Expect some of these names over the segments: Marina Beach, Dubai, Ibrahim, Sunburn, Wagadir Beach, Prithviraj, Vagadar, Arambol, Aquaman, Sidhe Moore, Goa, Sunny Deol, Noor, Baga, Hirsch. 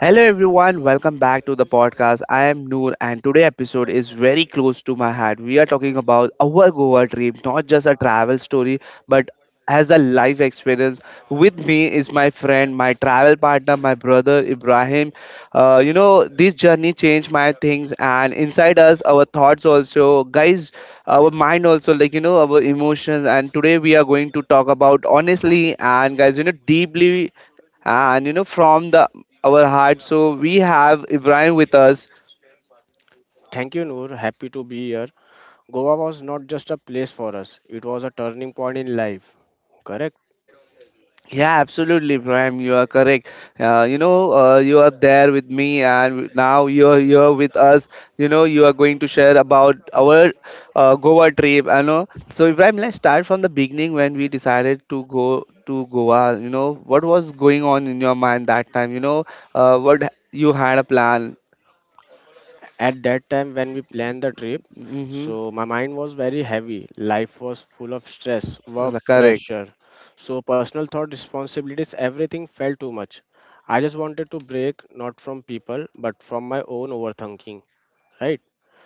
Hello everyone, welcome back to the podcast. I am Noor and today episode is very close to my heart. We are talking about our Goa trip, not just a travel story, but as a life experience. With me is my friend, my travel partner, my brother Ibrahim. This journey changed my things and inside us our thoughts also, guys, our mind also, like our emotions and today we are going to talk about honestly and guys, deeply and from the our heart. So we have Ibrahim with us. Thank you, Noor. Happy to be here. Goa was not just a place for us, it was a turning point in life. Correct? Yeah, absolutely, Ibrahim, you are correct. You are there with me and now you are here with us. You know you are going to share about our Goa trip, I know. So Ibrahim, let's start from the beginning. When we decided to go to Goa, you know, what was going on in your mind that time? What you had a plan? At that time, when we planned the trip, Mm-hmm. so my mind was very heavy. Life was full of stress, work Correct. pressure. So, personal thought, responsibilities, everything felt too much. I just wanted to break, not from people, but from my own overthinking. Right?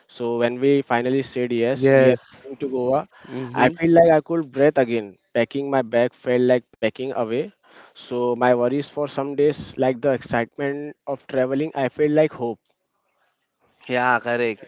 So when we finally said yes, we are Yes. going to Goa, I Mm-hmm. feel like I could breathe again. Packing my bag felt like packing away. So my worries for some days, like the excitement of traveling, I feel like hope. Yeah, correct.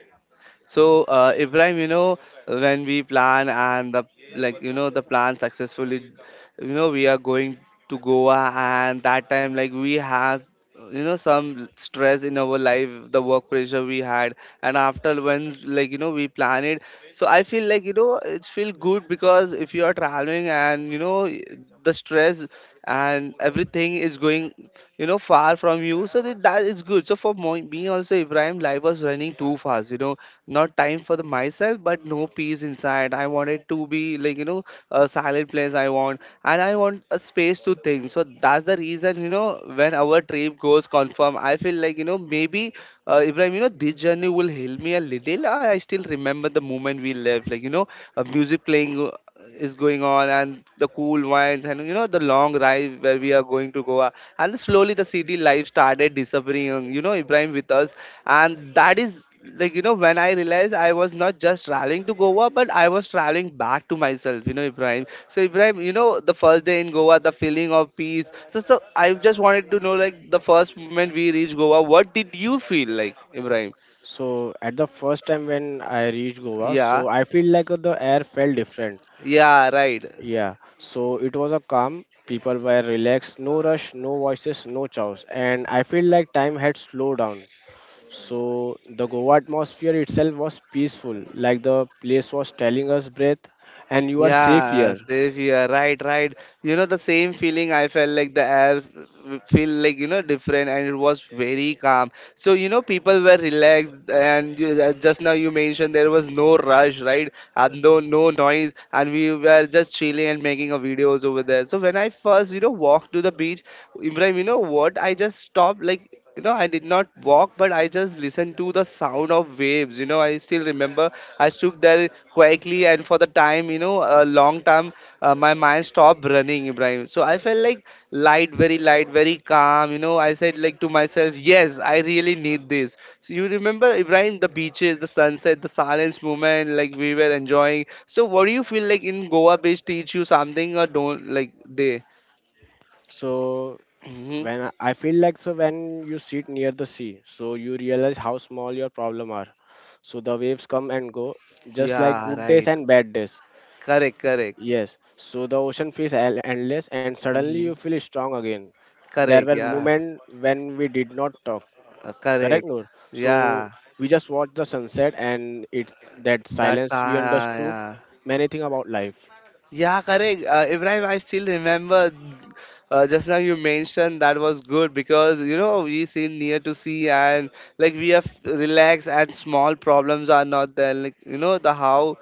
So, Ibrahim, you know, when we plan and the, like, you know, the plan successfully, you know, we are going to Goa, and that time, like, we have, you know, some stress in our life, the work pressure we had, and after when, like, you know, we plan it. So I feel like, you know, it feel good because if you are traveling and you know the stress and everything is going, you know, far from you, so that is good. So for me also Ibrahim, life was running too fast, you know, not time for the myself but no peace inside. I wanted to be like, you know, a silent place I want, and I want a space to think. So that's the reason, you know, when our trip goes confirm, I feel like, you know, maybe Ibrahim, you know, this journey will help me a little. I still remember the moment we left, like, you know, a music playing is going on and the cool wines and you know the long drive where we are going to Goa, and slowly the city life started disappearing. You know, Ibrahim with us, and that is, like, you know, when I realized I was not just traveling to Goa but I was traveling back to myself, you know, Ibrahim. So Ibrahim, you know, the first day in Goa, the feeling of peace, so I just wanted to know, like, the first moment we reached Goa, what did you feel like, Ibrahim? So at the first time when I reached Goa, Yeah. so I feel like the air felt different. Yeah, right. Yeah, so it was a calm, people were relaxed, no rush, no voices, no chows, and I feel like time had slowed down. So the Goa atmosphere itself was peaceful, like the place was telling us, breath, and you are safe Yeah, here. safe. You right, right. You know, the same feeling I felt like the feel like, you know, different and it was very calm. So, you know, people were relaxed and you, just now you mentioned there was no rush, right? And no noise. And we were just chilling and making a videos over there. So when I first, you know, walked to the beach, Ibrahim, you know what? I just stopped, like, you know, I did not walk, but I just listened to the sound of waves. You know, I still remember I stood there quietly, and for the time, you know, a long time, my mind stopped running, Ibrahim. So I felt like light, very calm. You know, I said, like, to myself, yes, I really need this. So you remember, Ibrahim, the beaches, the sunset, the silence moment, like we were enjoying. So what do you feel like in Goa beach teach you something or don't like they? So Hmm. when I feel like so when you sit near the sea, so you realize how small your problem are. So the waves come and go, just like Yeah, good days right. and bad days. Correct, correct. Yes. So the ocean feels endless, and suddenly you Mhm. feel strong again. There Correct, were yeah. moments when we did not talk. Correct, Correct. Noor? So Yeah, we just watched the sunset and it's that that's silence we ah, understood yeah. many things about life. Yeah, correct. Ibrahim, I still remember just now you mentioned that was good because you know we sit near to sea and like we are relaxed and small problems are not there. Like, you know, the how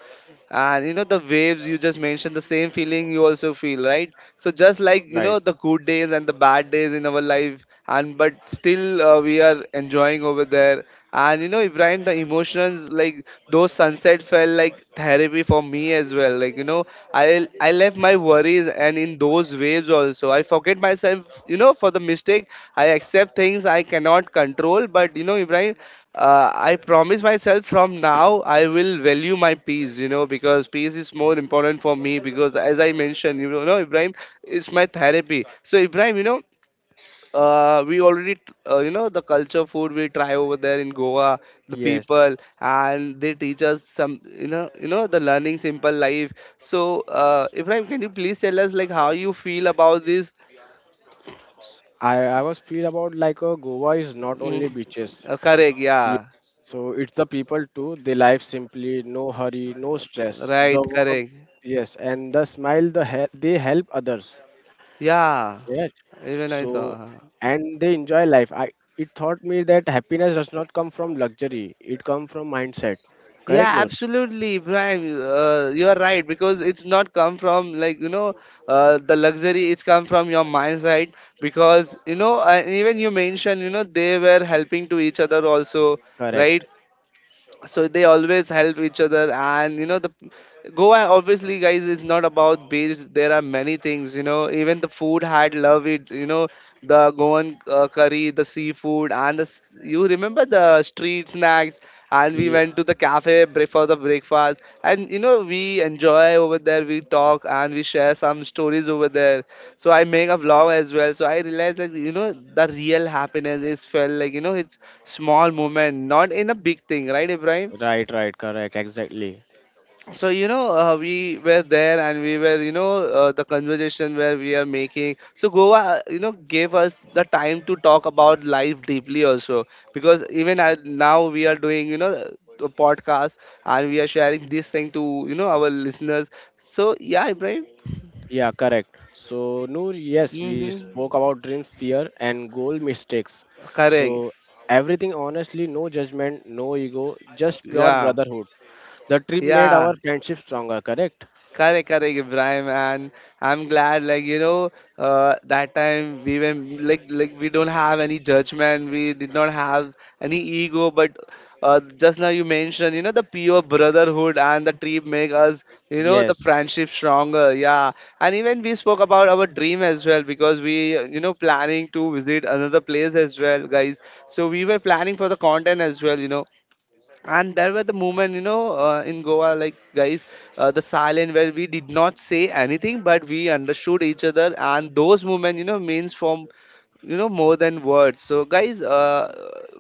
and you know the waves you just mentioned the same feeling you also feel right. So just like, you Right. know, the good days and the bad days in our life, and but still we are enjoying over there. And you know Ibrahim, the emotions, like those sunset felt like therapy for me as well, like, you know, I left my worries and in those waves also I forget myself, you know, for the mistake. I accept things I cannot control, but you know Ibrahim, I promise myself from now I will value my peace, you know, because peace is more important for me. Because as I mentioned, you know, no, Ibrahim, it's my therapy. So Ibrahim, you know, uh, we already, you know, the culture food we try over there in Goa, the Yes. people, and they teach us some, the learning simple life. So Ibrahim, can you please tell us like how you feel about this? I was feel about like Goa is not Mm, only beaches. Correct, Yeah. yeah. So it's the people too. They life simply, no hurry, no stress. Right, The work, correct, yes, and the smile, they help others. yeah. Yes. Even I saw. So Uh-huh. and they enjoy life. I it taught me that happiness does not come from luxury. It comes from mindset. Correct, Yeah, Noor? absolutely, Prime. You're right because it's not come from, like, you know, the luxury. It's come from your mindset because you know even you mentioned you know they were helping to each other also, Correct. right? So they always help each other, and you know the Goa obviously guys is not about beach, there are many things you know. Even the food had love it, you know, the Goan curry, the seafood, and the you remember the street snacks. And we Ye- went to the cafe break for the breakfast, and you know we enjoy over there. We talk and we share some stories over there. So I make a vlog as well, so I realized that, you know, the real happiness is felt like, you know, it's small movement, not in a big thing, right, Ibrahim? Right, right, correct, exactly. So, you know, we were there and we were, you know, the conversation where we are making. So Goa, you know, gave us the time to talk about life deeply also. Because even I, now we are doing, you know, a podcast, and we are sharing this thing to, you know, our listeners. So, yeah, Ibrahim. Yeah, correct. So, Noor, yes, we spoke Mm-hmm. about dream, fear, and goal mistakes. Correct. So, everything honestly, no judgment, no ego, just pure Yeah. brotherhood. The trip made Yeah. our friendship stronger, correct? Correct, correct, Ibrahim, and I'm glad, like, you know, that time we were like we don't have any judgment, we did not have any ego, but just now you mentioned, you know, the pure brotherhood and the trip make us, you know, the Yes, friendship stronger. Yeah, and even we spoke about our dream as well because we, you know, planning to visit another place as well, guys. So we were planning for the content as well, you know, and there were the moment you know in Goa, like guys, the silent where we did not say anything but we understood each other, and those moments, you know, means for, you know, more than words. So guys,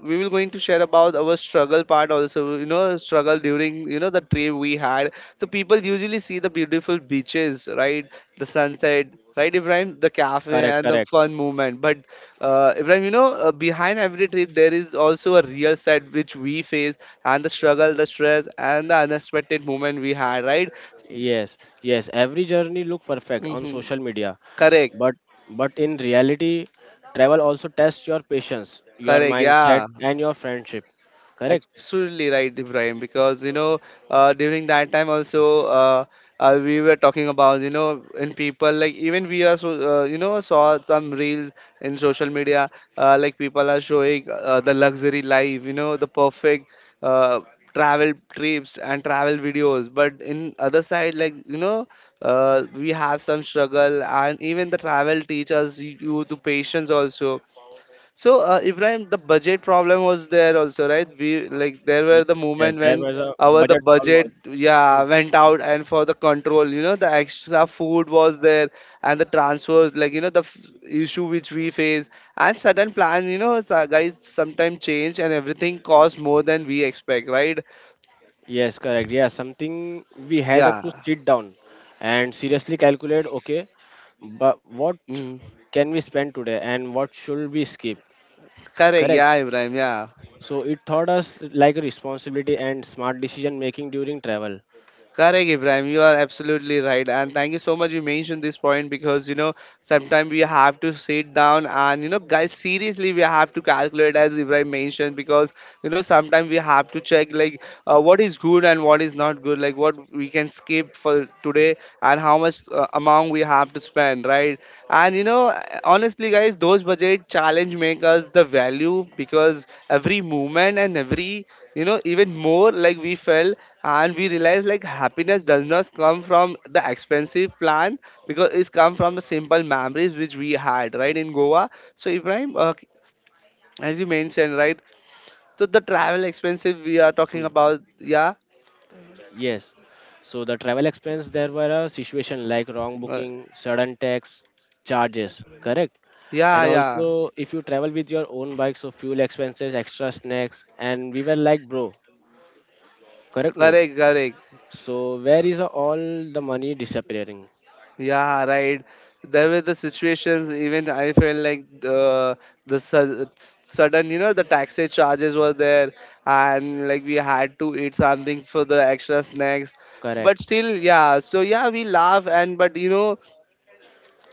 we will going to share about our struggle part also, you know, struggle during, you know, the trip we had. So people usually see the beautiful beaches, right, the sunset, right, Ibrahim, the cafe correct, and the correct. fun movement, but Ibrahim, you know, behind every trip there is also a real side which we face, and the struggle, the stress, and the unexpected moment we had, right? Yes, yes, every journey look perfect on Hmm. social media, Correct. but in reality, travel also tests your patience, your Correct, mindset, yeah. and your friendship. Correct? Absolutely right, Ibrahim. Because you know, during that time also, we were talking about you know, in people, like even we are so you know saw some reels in social media, like people are showing the luxury life, you know, the perfect uh, travel trips and travel videos. But in other side, like, you know, we have some struggle, and even the travel teaches you the patience also. So, Ibrahim, the budget problem was there also, right? We like there were the Yes, moment there when was a our the budget problem budget, also. Hmm. yeah, went out, and for the control, you know, the extra food was there, and the transfers, like, you know, the issue which we face, and sudden plan, you know, so guys, sometimes change, and everything costs more than we expect, right? Yes, correct. Yeah, something we had to Yeah. sit down and seriously calculate, okay, but what Mm. can we spend today and what should we skip? Correct. Correct. Yeah, Ibrahim. Yeah. So it taught us like a responsibility and smart decision making during travel. Correct, Ibrahim. You are absolutely right. And thank you so much. You mentioned this point because you know sometimes we have to sit down and you know, guys, seriously, we have to calculate as Ibrahim mentioned because you know sometimes we have to check like what is good and what is not good, like what we can skip for today and how much amount we have to spend, right? And you know, Honestly, guys, those budget challenge make us the value because every movement and every you know even more like we felt and we realize like happiness does not come from the expensive plan because it's come from the simple memories which we had right in goa. So Ibrahim, as you mentioned right, so the travel expensive we are talking Hmm. about, yeah. Yes. So the travel expense, there were a situation like wrong uh, booking, sudden tax charges, correct? And yeah, yeah. also, if you travel with your own bike, so fuel expenses, extra snacks, and we were like, bro, correct, Noor. Correct, correct. So where is all the money disappearing? Yeah, right. There were the situations. Even I felt like the sudden, you know, the taxi charges were there, and like we had to eat something for the extra snacks. Correct, But still, yeah. So yeah, we laugh and but you know,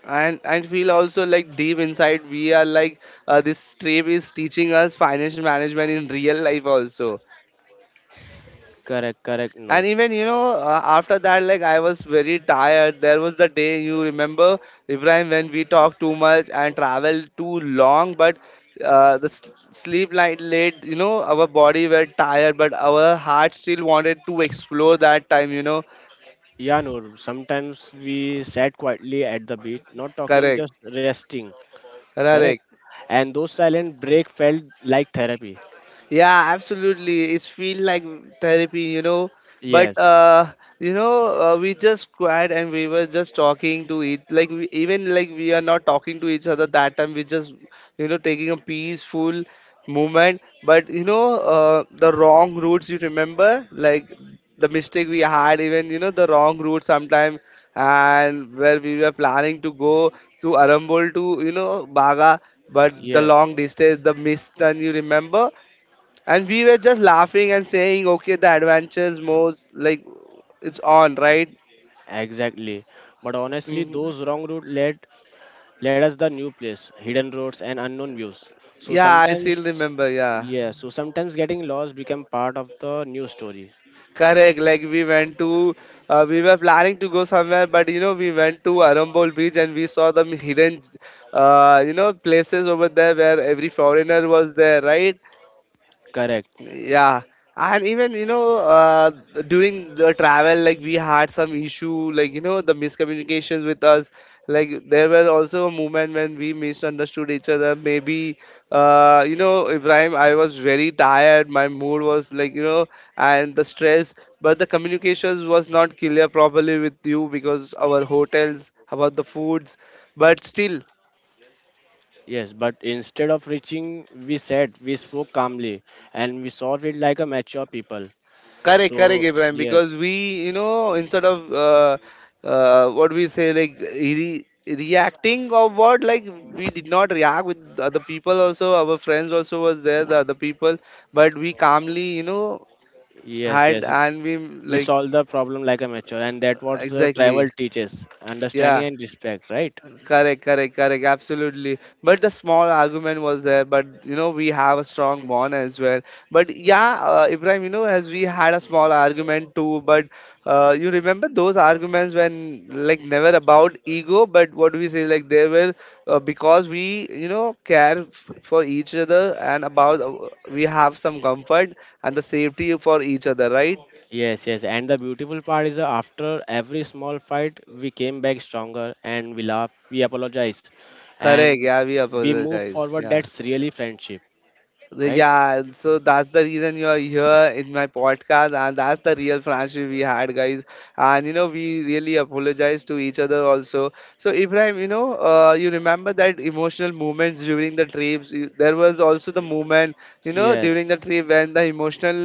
and feel also like deep inside we are like this trip is teaching us financial management in real life also. correct, correct, And Noor. even you know, after that, like I was very tired. There was the day you remember, Ibrahim, when we talked too much and traveled too long, but the s sleep light late. You know, our body were tired, but our heart still wanted to explore that time. You know, Yeah, Noor. Sometimes we sat quietly at the beach, not talking, correct, just resting. Correct. correct. And those silent break felt like therapy. Yeah, absolutely. It's feel like therapy, you know. But Yes, you know, we just cried and we were just talking to each. Like we, even like we are not talking to each other that time. We just you know taking a peaceful moment. But you know, the wrong routes. You remember like the mistake we had. Even you know the wrong route sometime, and where we were planning to go to Arambol to you know Baga, but the yes, long distance, the miss turn. You remember? And we were just laughing and saying, okay, the adventures most like it's on, right? exactly. But honestly, Hmm. those wrong route led us the new place, hidden roads and unknown views. So Yeah, I sometimes. still remember. Yeah, Yes, so sometimes getting lost become part of the new story. correct. Like we went to, we were planning to go somewhere, but you know, we went to Arambol Beach and we saw the hidden, you know, places over there where every foreigner was there, right? Correct. Yeah, and even you know during the travel, like we had some issue, like you know the miscommunications with us. Like there were also a moment when we misunderstood each other. Maybe you know Ibrahim, I was very tired. My mood was like you know, and the stress. But the communications was not clear properly with you because our hotels about the foods. But still. Yes, but instead of reaching, we said we spoke calmly and we solved it like a mature people. Correct, correct, So Abraham. yes, Because we, you know, instead of what we say, like reacting or what, like we did not react with the other people. Also, our friends also was there, the other people, but we calmly, you know, yes, had yes, and we we like solved the problem like a mature, and that was the exactly, travel teaches understanding yeah. and respect, right? Correct, correct, correct. Absolutely. But the small argument was there. But you know, we have a strong bond as well. But yeah, Ibrahim, you know, as we had a small argument too. But you remember those arguments when like never about ego, but what do we say? Like they were because we you know care for each other and about we have some comfort and the safety for each other, right? Yes, yes. And the beautiful part is after every small fight, we came back stronger and we laugh, we apologize, Correct. and Yeah, we we move apologize. forward. Yeah. That's really friendship, right? Yeah, so that's the reason you are here in my podcast, and that's the real friendship we had, guys. And you know, we really apologize to each other also. So, Ibrahim, you know, you remember that emotional moments during the trips. There was also the moment, you know, Yes, during the trip when the emotional,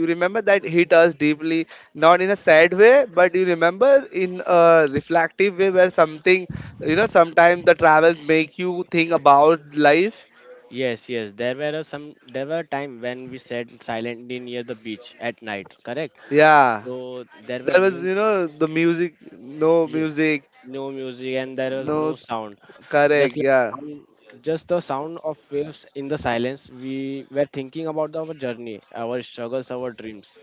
you remember that hit us deeply, not in a sad way, but you remember in a reflective way where something, you know, sometimes the travels make you think about life. yes, yes. There were some, there were time when we sat silently near the beach at night, correct? Yeah. So there were That was, new, you know, the music, no yeah, music, no music and there was no. no s- sound. Just correct, like yeah. Just the sound of waves in the silence. We were thinking about our journey, our struggles, our dreams,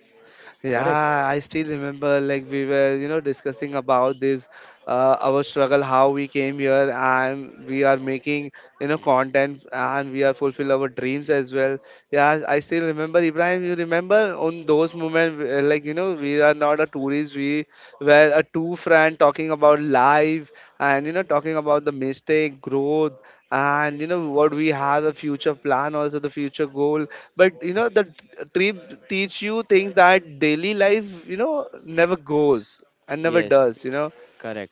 correct? Yeah, I still remember, like, we were, you know, discussing about this, our struggle, how we came here, and we are making, you know, content, and we are fulfill our dreams as well. Yeah, I still remember, Ibrahim, you remember on those moments, like, you know, we are not a tourist, we were a two friend talking about life, and, you know, talking about the mistake, growth, and you know what we have a future plan also the future goal, but you know the trip teach you things that daily life you know never goes and never Yes, does you know. correct.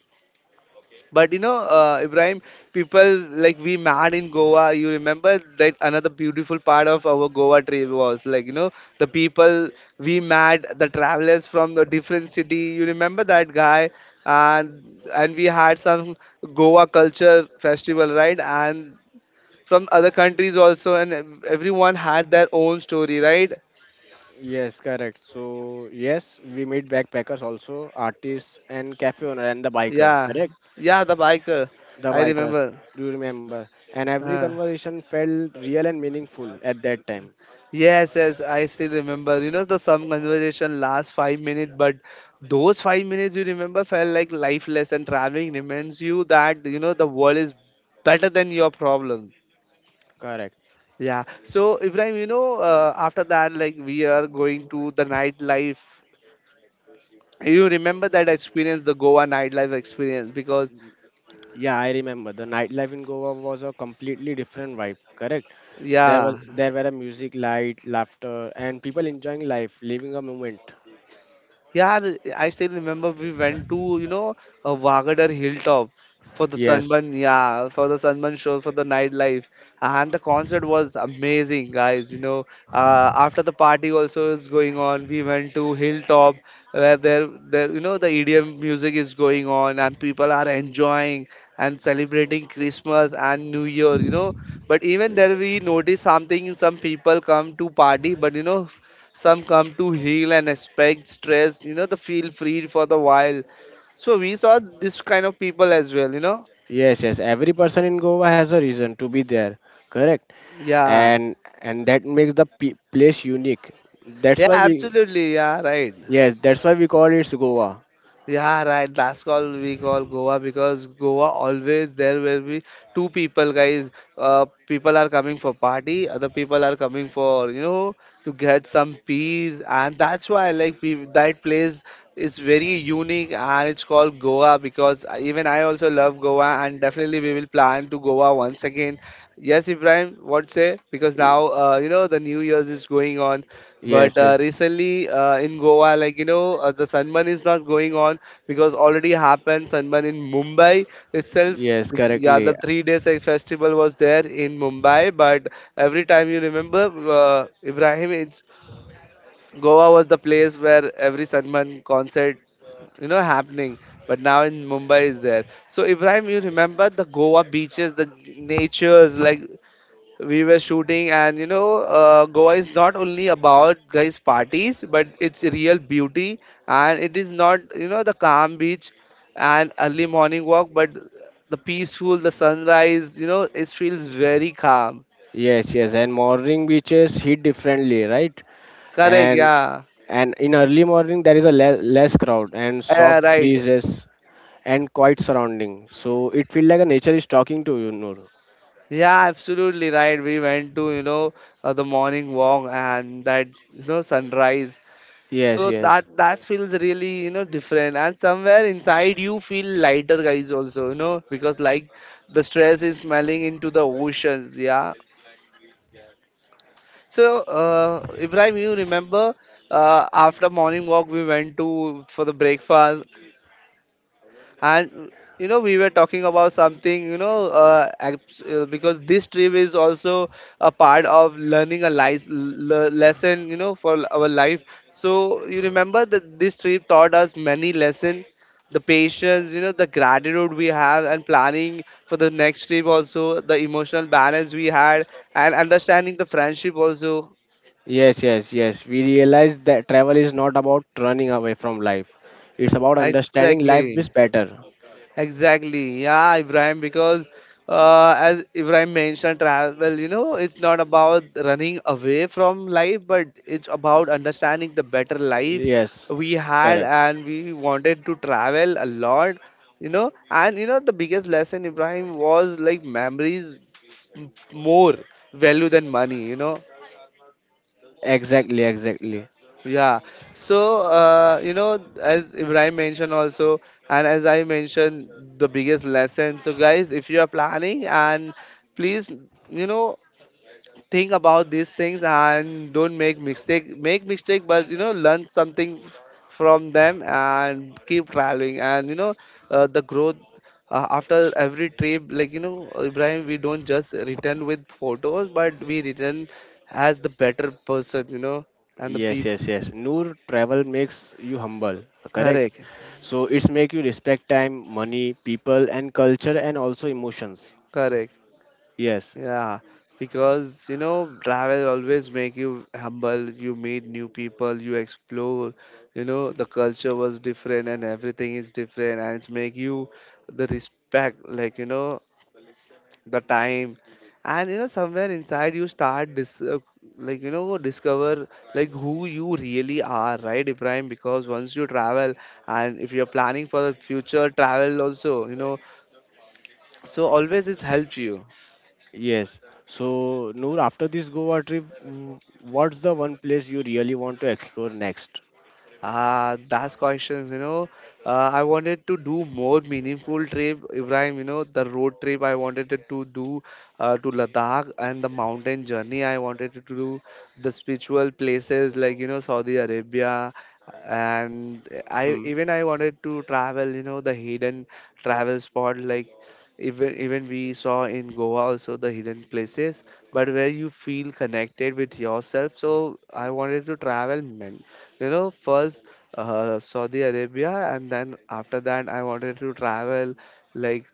But you know Ibrahim, people like we mad in Goa, you remember that another beautiful part of our Goa trip was like you know the people we mad, the travelers from the different city, you remember that guy? And we had some Goa culture festival, right? And from other countries also, and everyone had their own story, right? Yes, correct. So yes, we meet backpackers also, artists and cafe owner and the bikers, Yeah, correct? yeah, the biker, The I bikers, remember. do you remember? And every Uh, conversation felt real and meaningful at that time. yes, yes, I still remember. You know, the some conversation lasts 5 minutes, but those 5 minutes you remember felt like lifeless, and traveling reminds you that you know the world is better than your problem. Correct. Yeah. So Ibrahim, you know, after that, like we are going to the nightlife. You remember that experience, the Goa nightlife experience, because Yeah, I remember. The nightlife in Goa was a completely different vibe, correct? There yeah, was there were a music, light, laughter, and people enjoying life, living a moment. yeah, I still remember we went to, you know, a Vagadar Hilltop for the Yes. Sunburn, yeah, for the Sunburn show, for the nightlife. And the concert was amazing, guys. You know, after the party also is going on, we went to Hilltop where you know, the EDM music is going on and people are enjoying and celebrating Christmas and New Year, you know. But even there, we notice something, some people come to party, but, you know, some come to heal and expect stress, you know, the feel free for the while. So we saw this kind of people as well, you know. Yes, yes. Every person in Goa has a reason to be there. Correct. Yeah, and and that makes place unique. That's yeah, why we absolutely, yeah, right. yes, that's why we call it Goa. Yeah, right. That's called we call Goa because Goa always there will be two people, guys. People are coming for party, other people are coming for you know to get some peace, and that's why like we, that place is very unique and it's called Goa because even I also love Goa and definitely we will plan to Goa once again. Yes, Ibrahim, what say? Because Y- now you know the New Year's is going on, but Yes, yes, recently in Goa, like you know, the sunburn is not going on because already happened sunburn in Mumbai itself. yes, Yeah, the correctly. 3 days like, festival was there in Mumbai, but every time you remember, Ibrahim, it's, Goa was the place where every sunburn concert, you know, happening. But now in Mumbai is there. So Ibrahim, you remember the Goa beaches, the natures, like we were shooting and you know Goa is not only about guys parties but it's real beauty, and it is not you know the calm beach and early morning walk, but the peaceful the sunrise you know it feels very calm. Yes, yes, and morning beaches hit differently, right? Correct, And yeah. In early morning there is less crowd and Yeah, soft right. breezes and quiet surrounding. So it feels like a nature is talking to you, Noor. Yeah, absolutely right. We went to, you know, the morning walk and that you know sunrise. So Yes, that yes. that feels really you know different, and somewhere inside you feel lighter, guys. Also, you know, because like the stress is smelling into the oceans. Yeah. So Ibrahim, you remember after morning walk we went to for the breakfast. And you know, we were talking about something, you know, because this trip is also a part of learning a life lesson, you know, for our life. So you remember that this trip taught us many lessons, the patience, you know, the gratitude we have, and planning for the next trip also, the emotional balance we had, and understanding the friendship also. Yes, yes, yes. We realize that travel is not about running away from life. It's about understanding life Exactly. is better. Exactly, yeah, Ibrahim, because as Ibrahim mentioned, travel, you know, it's not about running away from life, but it's about understanding the better life Yes, we had correct. and we wanted to travel a lot, you know. And, you know, the biggest lesson, Ibrahim, was like memories more value than money, you know. Exactly, exactly. Yeah. So, you know, as Ibrahim mentioned also, and as I mentioned, the biggest lesson. So, guys, if you are planning and please, you know, think about these things and don't make mistake. Make mistake, but you know, learn something from them and keep traveling. And you know, the growth after every trip, like you know, Ibrahim, we don't just return with photos, but we return as the better person, you know, and the Yes, people. yes, yes. Noor travel makes you humble, correct? Correct. So it's make you respect time, money, people and culture and also emotions. Correct. Yes, Yeah. Because, you know, travel always make you humble, you meet new people, you explore, you know, the culture was different and everything is different and it's make you the respect, like, you know, the time. And, you know, somewhere inside you start dis like, you know, discover like who you really are, right, Ibrahim? Because once you travel and if you're planning for the future travel also, you know, so always it's helped you. yes. So Noor, after this Goa trip, what's the one place you really want to explore next? Ah, that's questions, you know. I wanted to do more meaningful trip, Ibrahim, you know, the road trip I wanted it to do to Ladakh and the mountain journey I wanted to do the spiritual places like, you know, Saudi Arabia and I Hmm. even I wanted to travel, you know, the hidden travel spot like even we saw in Goa also the hidden places, but where you feel connected with yourself. So I wanted to travel man. You know, first Saudi Arabia, and then after that, I wanted to travel like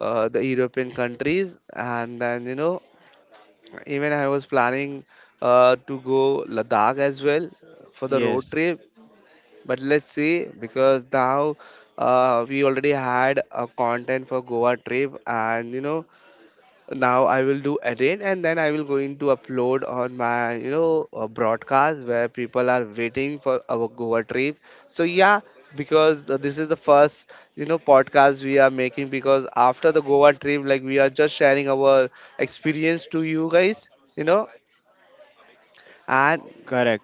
the European countries, and then you know, even I was planning to go Ladakh as well for the Yes, road trip. But let's see, because now we already had a content for Goa trip, and you know, now I will do again and then I will going to upload on my you know broadcast where people are waiting for our Goa trip, so yeah, because this is the first you know podcast we are making because after the Goa trip like we are just sharing our experience to you guys, you know. And correct.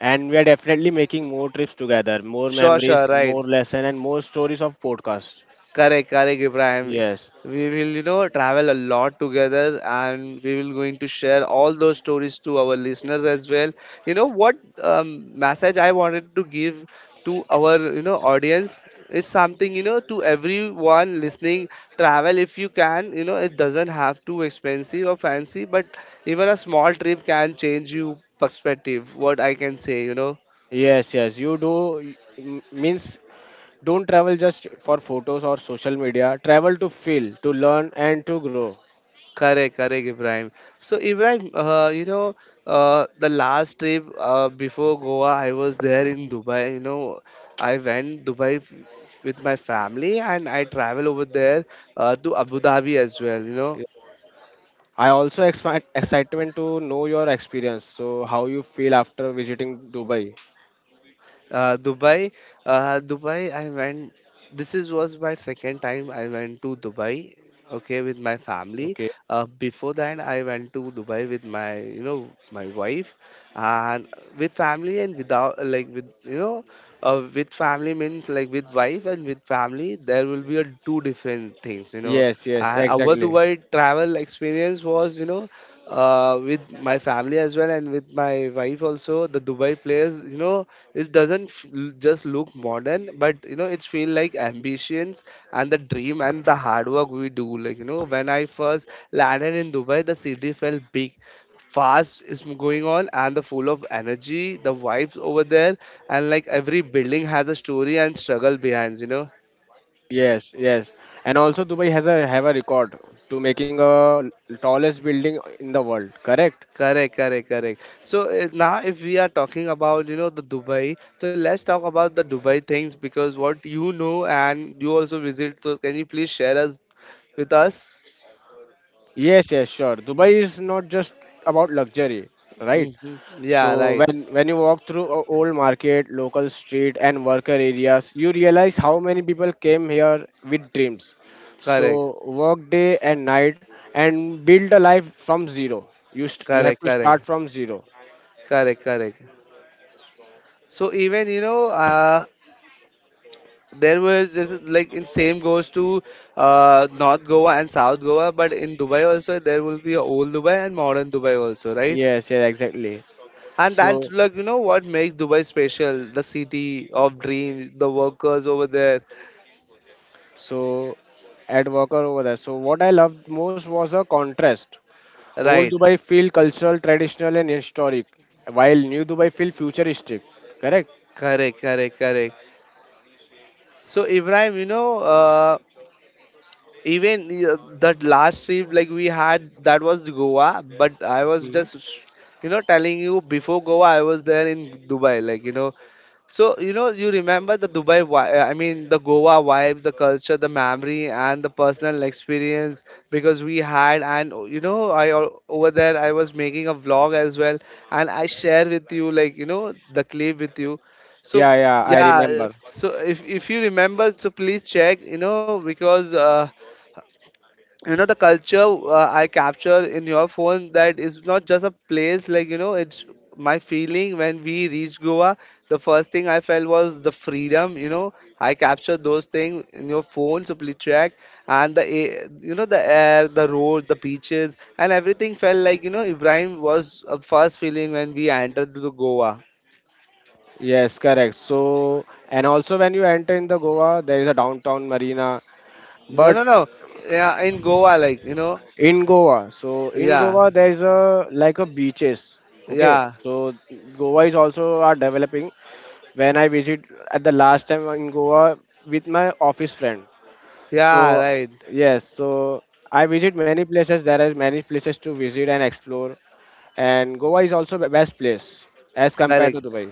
And we are definitely making more trips together, more sure memories, right. more lesson and more stories of podcast. Correct, correct, Ibrahim. Yes. We will, you know, travel a lot together and we will going to share all those stories to our listeners as well. You know, what message I wanted to give to our, you know, audience is something, you know, to everyone listening, travel if you can, you know, it doesn't have to expensive or fancy, but even a small trip can change you perspective, what I can say, you know. Yes, yes, you do. Means don't travel just for photos or social media. Travel to feel, to learn, and to grow. Correct, correct, Ibrahim. So, Ibrahim, you know, the last trip before Goa, I was there in Dubai. You know, I went with my family and I travel over there to Abu Dhabi as well. You know, Yeah. I also expect excitement to know your experience. So how you feel after visiting Dubai? Dubai. Dubai, I went. This is was my second time I went to Dubai. Okay, with my family. Okay. Before that, I went to Dubai with my, you know, my wife, and with family and without, like, with you know, with family means like with wife and with family, there will be a two different things, you know. Yes, yes, And our exactly. Dubai travel experience was, you know, with my family as well and with my wife also. The Dubai place, you know, it doesn't just look modern but you know it's feel like ambitions and the dream and the hard work we do, like you know, when I first landed in Dubai the city felt big, fast is going on and the full of energy, the vibes over there, and like every building has a story and struggle behind, you know. Yes, yes. And also Dubai has a have a record to making a tallest building in the world. Correct? Correct, correct, correct. So now if we are talking about you know the Dubai, so let's talk about the Dubai things because what you know and you also visit, so can you please share us with us Yes, yes, sure. Dubai is not just about luxury, right? Hmm. Yeah, So right. when you walk through a old market, local street and worker areas, you realize how many people came here with dreams. So Correct. work day and night and build a life from zero. You you have Correct. to start Correct. from zero. Correct. Correct. So even you know, there was just like in same goes to North Goa and South Goa, but in Dubai also there will be a old Dubai and modern Dubai also, right? Yes, yes, exactly. And that's So like you know what makes Dubai special, the city of dreams, the workers over there, so at worker over there. So what I loved most was a contrast. Old right? Dubai feel cultural, traditional and historic, while new Dubai feel futuristic. Correct? Correct, correct, correct. So Ibrahim, you know, even that last trip like we had that was Goa, but I was Hmm. just you know telling you before Goa I was there in Dubai, like you know. So you know you remember the dubai vi- I mean the goa vibes, the culture, the memory and the personal experience because we had, and you know over there I was making a vlog as well and I share with you, like you know, the clip with you. So Yeah, yeah, I yeah. Remember. So if you remember, so please check, you know, because you know the culture I capture in your phone, that is not just a place, like you know, it's my feeling. When we reached Goa, the first thing I felt was the freedom, you know. I captured those things in your phone, so please check. And you know the air, the road, the beaches and everything felt like, you know, Ibrahim, was a first feeling when we entered to the Goa. Yes, correct. So, and also when you enter in the Goa, there is a downtown marina. No, But no, no. Yeah, in Goa, like you know. in Goa, so in Yeah. Goa there is a like a beaches. Okay, Yeah. so Goa is also are developing. When I visit at the last time in Goa with my office friend, Yeah, so right. yes, so I visit many places. There is many places to visit and explore, and Goa is also the best place as compared to Correct. Dubai.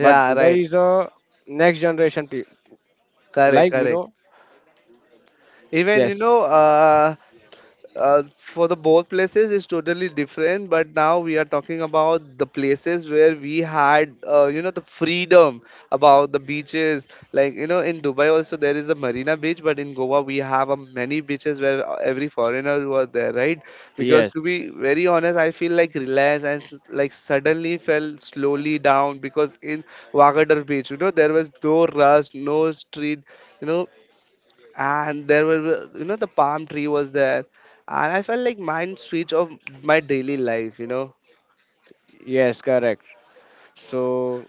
But Dubai right. is a next generation Correct, like you correct. know. Even you Yes, know, for the both places is totally different. But now we are talking about the places where we had, you know, the freedom about the beaches. Like you know, in Dubai also there is the Marina Beach, but in Goa we have many beaches where every foreigner who are there, right? Because yes, to be very honest, I feel like relaxed and like suddenly fell slowly down because in Wagadir Beach, you know, there was no rush, no street, you know. And there were, you know, the palm tree was there and I felt like mind switch of my daily life, you know. yes, correct. So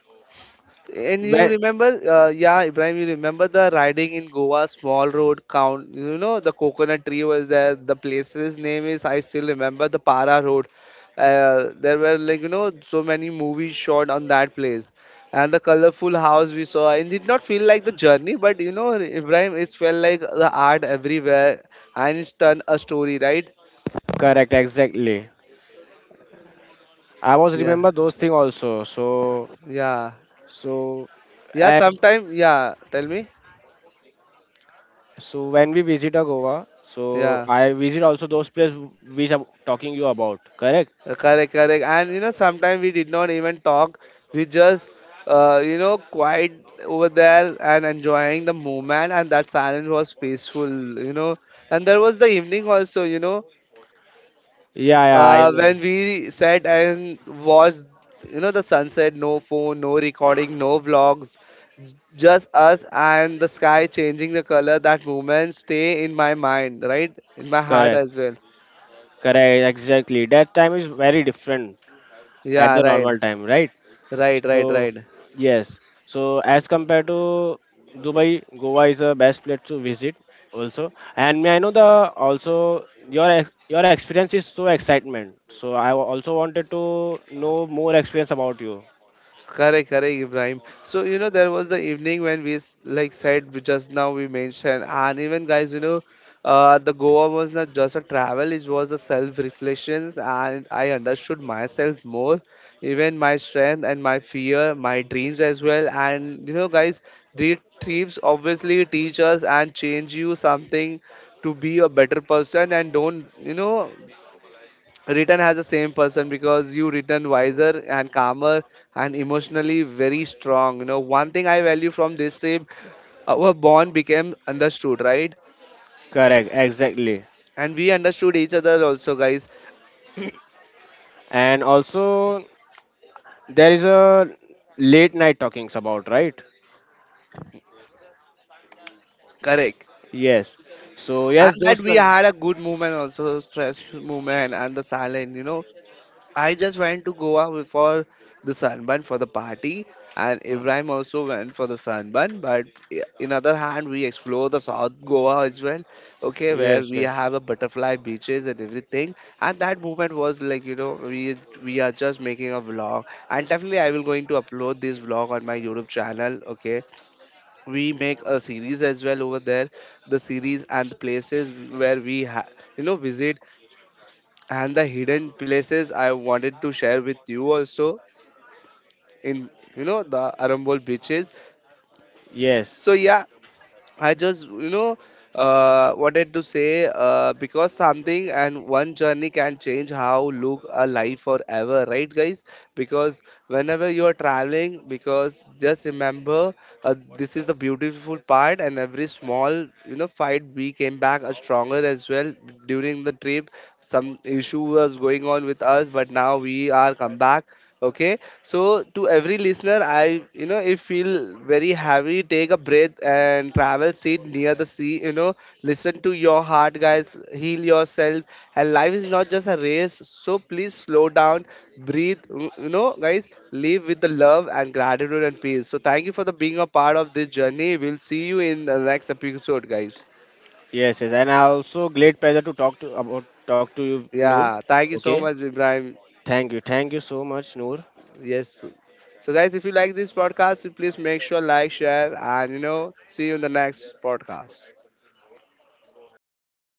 And you when remember, yeah Ibrahim, you remember the riding in Goa, small road count, you know, the coconut tree was there. The place's name is I still remember the Para Road. There were like, you know, so many movies shot on that place, and the colorful house we saw, it did not feel like the journey, but you know, Ibrahim, it felt like the art everywhere, and it's turned a story, right? correct, exactly. I was Yeah. remember those thing also. So Yeah. so Yeah, and sometime yeah, tell me. so when we visit a Goa, so Yeah. I visit also those place which I'm talking you about. Correct? Correct, correct. And you know, sometimes we did not even talk. We just you know, quiet over there and enjoying the moment, and that silence was peaceful, you know. And there was the evening also, you know, Yeah, yeah, I know. when we sat and watched, you know, the sunset, no phone, no recording, no vlogs, just us and the sky changing the color. That moment stay in my mind, right? In my heart Correct, as well. correct, exactly. That time is very different at Yeah, the right, normal time, right? right, right, So right. yes, so as compared to Dubai, Goa is a best place to visit also. And may I know the also your your experience is so excitement. So I also wanted to know more experience about you. Correct, correct, Ibrahim. So you know there was the evening when like said we just now we mentioned, and even guys, you know, the Goa was not just a travel; it was a self-reflections, and I understood myself more, even my strength and my fear, my dreams as well. And you know, guys, the trips obviously teach us and change you something to be a better person and don't you know written as the same person because you written wiser and calmer and emotionally very strong, you know. One thing I value from this trip, our bond became understood, right? Correct, exactly. And we understood each other also, guys. And also there is a late night talkings about, right? Correct. Yes. So And yes, that those. we had a good movement also, stress movement and the silent, you know. I just went to for the sunburn for the party, and Hmm. Ibrahim also went for the sunburn. But in other hand, we explore the South Goa as well. Okay, where Yes, we yes, have a butterfly beaches and everything. And that moment was like, you know, we are just making a vlog, and definitely I will going to upload this vlog on my YouTube channel. Okay, we make a series as well over there, the series and the places where you know visit, and the hidden places I wanted to share with you also in you know the Arambol beaches. yes. So yeah, I just, you know, wanted to say because something and one journey can change how look a life forever, right, guys? Because whenever you are traveling, because just remember this is the beautiful part, and every small, you know, fight we came back a stronger as well during the trip. Some issue was going on with us, but now we are come back. Okay, so to every listener, I you know if feel very heavy, take a breath and travel. Sit near the sea. You know, listen to your heart, guys. Heal yourself. And life is not just a race. So please slow down, breathe. You know, guys, live with the love and gratitude and peace. So thank you for the being a part of this journey. We'll see you in the next episode, guys. Yes, yes, and I also great pleasure to talk to about talk to you, Noor. Yeah, thank you Okay, so much, Ibrahim. Thank you so much, Noor. Yes. So guys, if you like this podcast, please make sure like, share, and you know, see you in the next podcast.